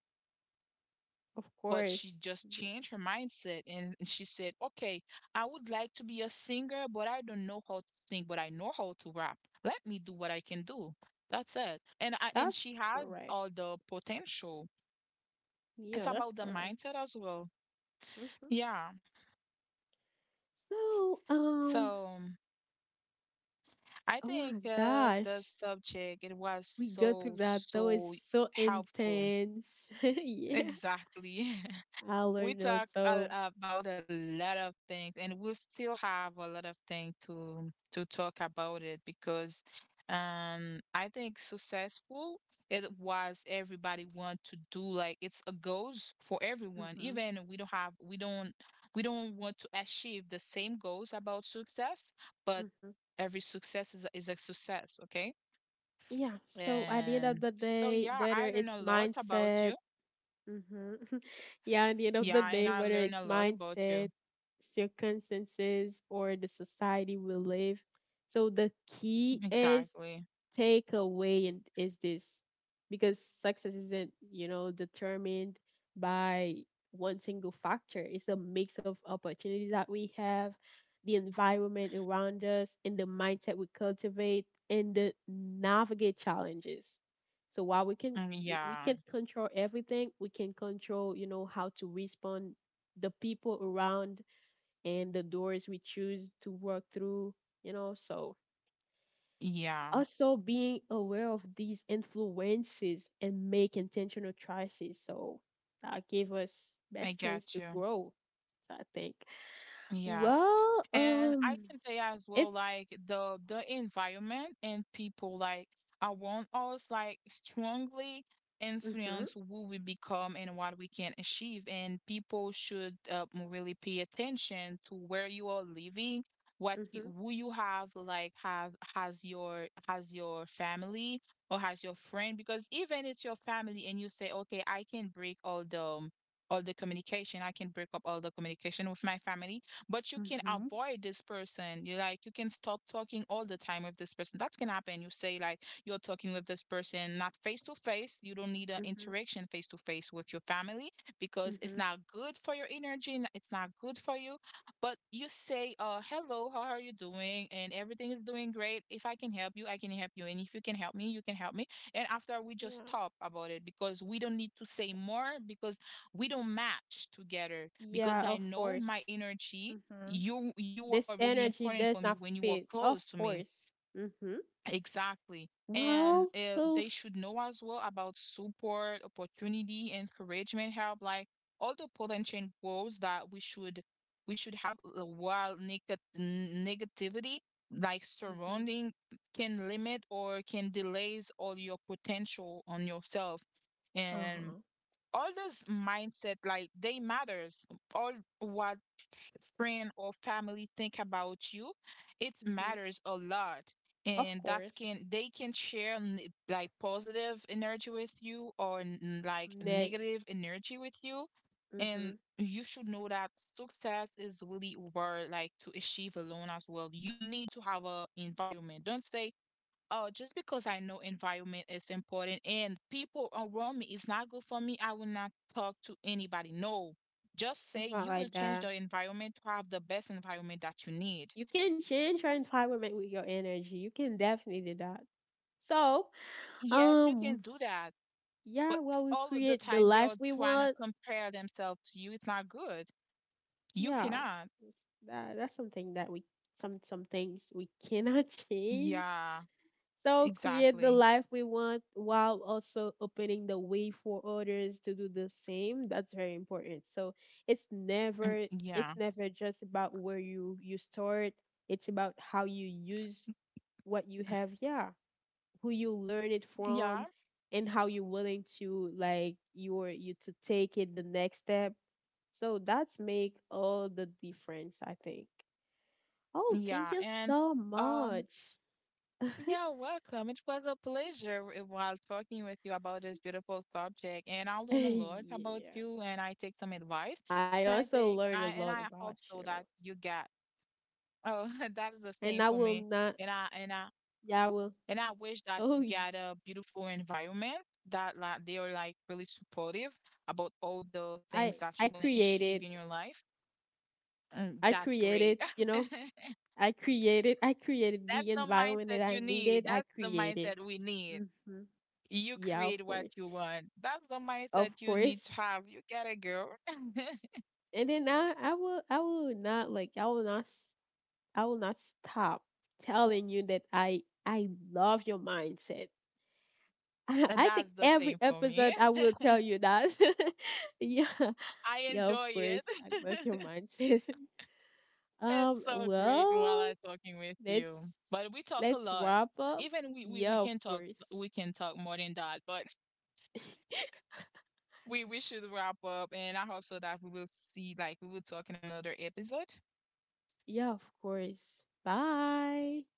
of
But she
course.
just
Yeah,
changed her mindset and she said, "Okay, I would like to be a singer, but I don't know how to sing, but I know how to rap. Let me do what I can do." That's it. And
that's
she has
correct.
all the potential. It's
Yeah,
about
that's
the
correct.
mindset as well.
Hmm.
Yeah.
So,
So I
oh my
think the
gosh,
subject it was
we go through
so
that. That was
so
so
helpful.
intense. Yeah,
Exactly.
I
We
learned a lot.
talk a,
So.
about a lot of things, and we still have a lot of things to talk about it, because I think successful it was everybody want to do, like it's a goals for everyone.
Hmm.
Even we don't have we don't want to achieve the same goals about success, but
Hmm.
every success is a success, okay?
Yeah. So at the end of
And
the
so
day,
yeah,
whether
I learned
it's
a lot about
mindset.
you.
Hmm. Yeah, at the end of the
Yeah, and
day,
I
whether
learn a
it's
lot about you.
mindset, circumstances, or the society we live, so the key is
Exactly.
takeaway, is this, because success isn't, determined by one single factor. It's a mix of opportunities that we have, the environment around us, and the mindset we cultivate, and the navigate challenges. So while
Mm,
we can't
yeah.
control everything, we can control, how to respond, the people around, and the doors we choose to work through. So
Yeah.
also being aware of these influences and make intentional choices. So that gave us
I
best chance
got
to
you.
grow, I think.
Yeah.
Well,
And I can say as well,
it's
like the environment and people like around us, like strongly
mhm,
influence who we become and what we can achieve. And people should really pay attention to where you are living,
mhm.
who you have, like have has your family or has your friend. Because even it's your family, and you say, okay, I can break all the communication, I can break up all the communication with my family, but you can
Mm-hmm.
avoid this person, you like you can stop talking all the time with this person. That can happen. You say, like, you're talking with this person, not face to face. You don't need an
Mhm,
interaction face to face with your family, because it's
mhm.
not good for your energy and it's not good for you. But you say, hello, how are you doing, and everything is doing great. If I can help you, I can help you, and if you can help me, you can help me. And after, we just
Yeah,
talk about it, because we don't need to say more, because we don't match together, because
yeah,
I
of
know
course.
my energy.
Mhm.
You are
This
really
energy
important for me
does not
when you are
fit,
close
of
to me.
course. Mhm.
Exactly. And
Well,
they
so
should know as well about support, opportunity, encouragement, help, like all the potential goals that we should have, while negativity, like
mhm,
surrounding, can limit or can delays all your potential on yourself. And all those mindset, like they matters, all what friend or family think about you, it
mhm,
matters a lot,
of
and that's
course.
can they can share like positive energy with you or like
Ne-
negative energy with you. And
mhm.
you should know that success is really hard like to achieve alone, as well. You need to have a environment. Don't say, oh, just because I know environment is important and people around me is not good for me, I will not talk to anybody. No, just say
It's not
you will
like
change
that.
the environment to have the best environment that you need.
You can change your environment with your energy. You can definitely do that. So,
Yes, you can
um,
do that, but
yeah, well,
if
we
all of the
create the
time they
life
are
we
trying to
want.
compare themselves to you, it's not good. You
Yeah,
cannot.
that's something that we, some things we cannot change.
Yeah,
So create the
exactly.
life we want while also opening the way for others to do the same. That's very important. So it's
Mm,
never,
yeah,
just about where you start. It's about how you use what you have. Yeah, who you learn it
yeah,
from, and how you're willing to, like, you to take it the next step. So that's make all the difference, I think. Oh, thank
yeah,
you
and.
so
Um,
much.
Yeah, welcome. It was a pleasure while talking with you about this beautiful subject, and I learn a lot about
Yeah,
you, and I take some advice,
I
and I
also
think
learned a
I and
lot
I
about
hope so
you,
that you get. Oh, that is the
and
same
I
for
will
me,
not.
and I and I
Yeah, I will.
and I wish that
oh
you
y-
get a beautiful environment that like they are like really supportive about all the
i
things that
I
you want to achieve
created,
in your life. Mm,
i
that's great.
created you know I created
That's
the
the
environment
mindset
that
you
I
need.
needed. I
That's the
created.
mindset we need.
Hmm.
You
Yeah, of
create what
course,
you want. That's the
of
mindset you need to
course.
have. You get it, girl.
And then I will, I will not like I will not s- I will not stop telling you that I love your mindset. I,
And
I think
that's the
every
same for me.
episode I will tell you that. Yeah.
I
Yeah, of
enjoy
course.
it.
I love your mindset.
It's so great while
Well,
I'm talking with
let's
you. But we talk a
let's
lot.
wrap up.
Even
Yeah,
we
of
can talk
course.
We can talk more than that, but we should wrap up, and I hope so that we will see, like we will talk in another episode.
Yeah, of course. Bye.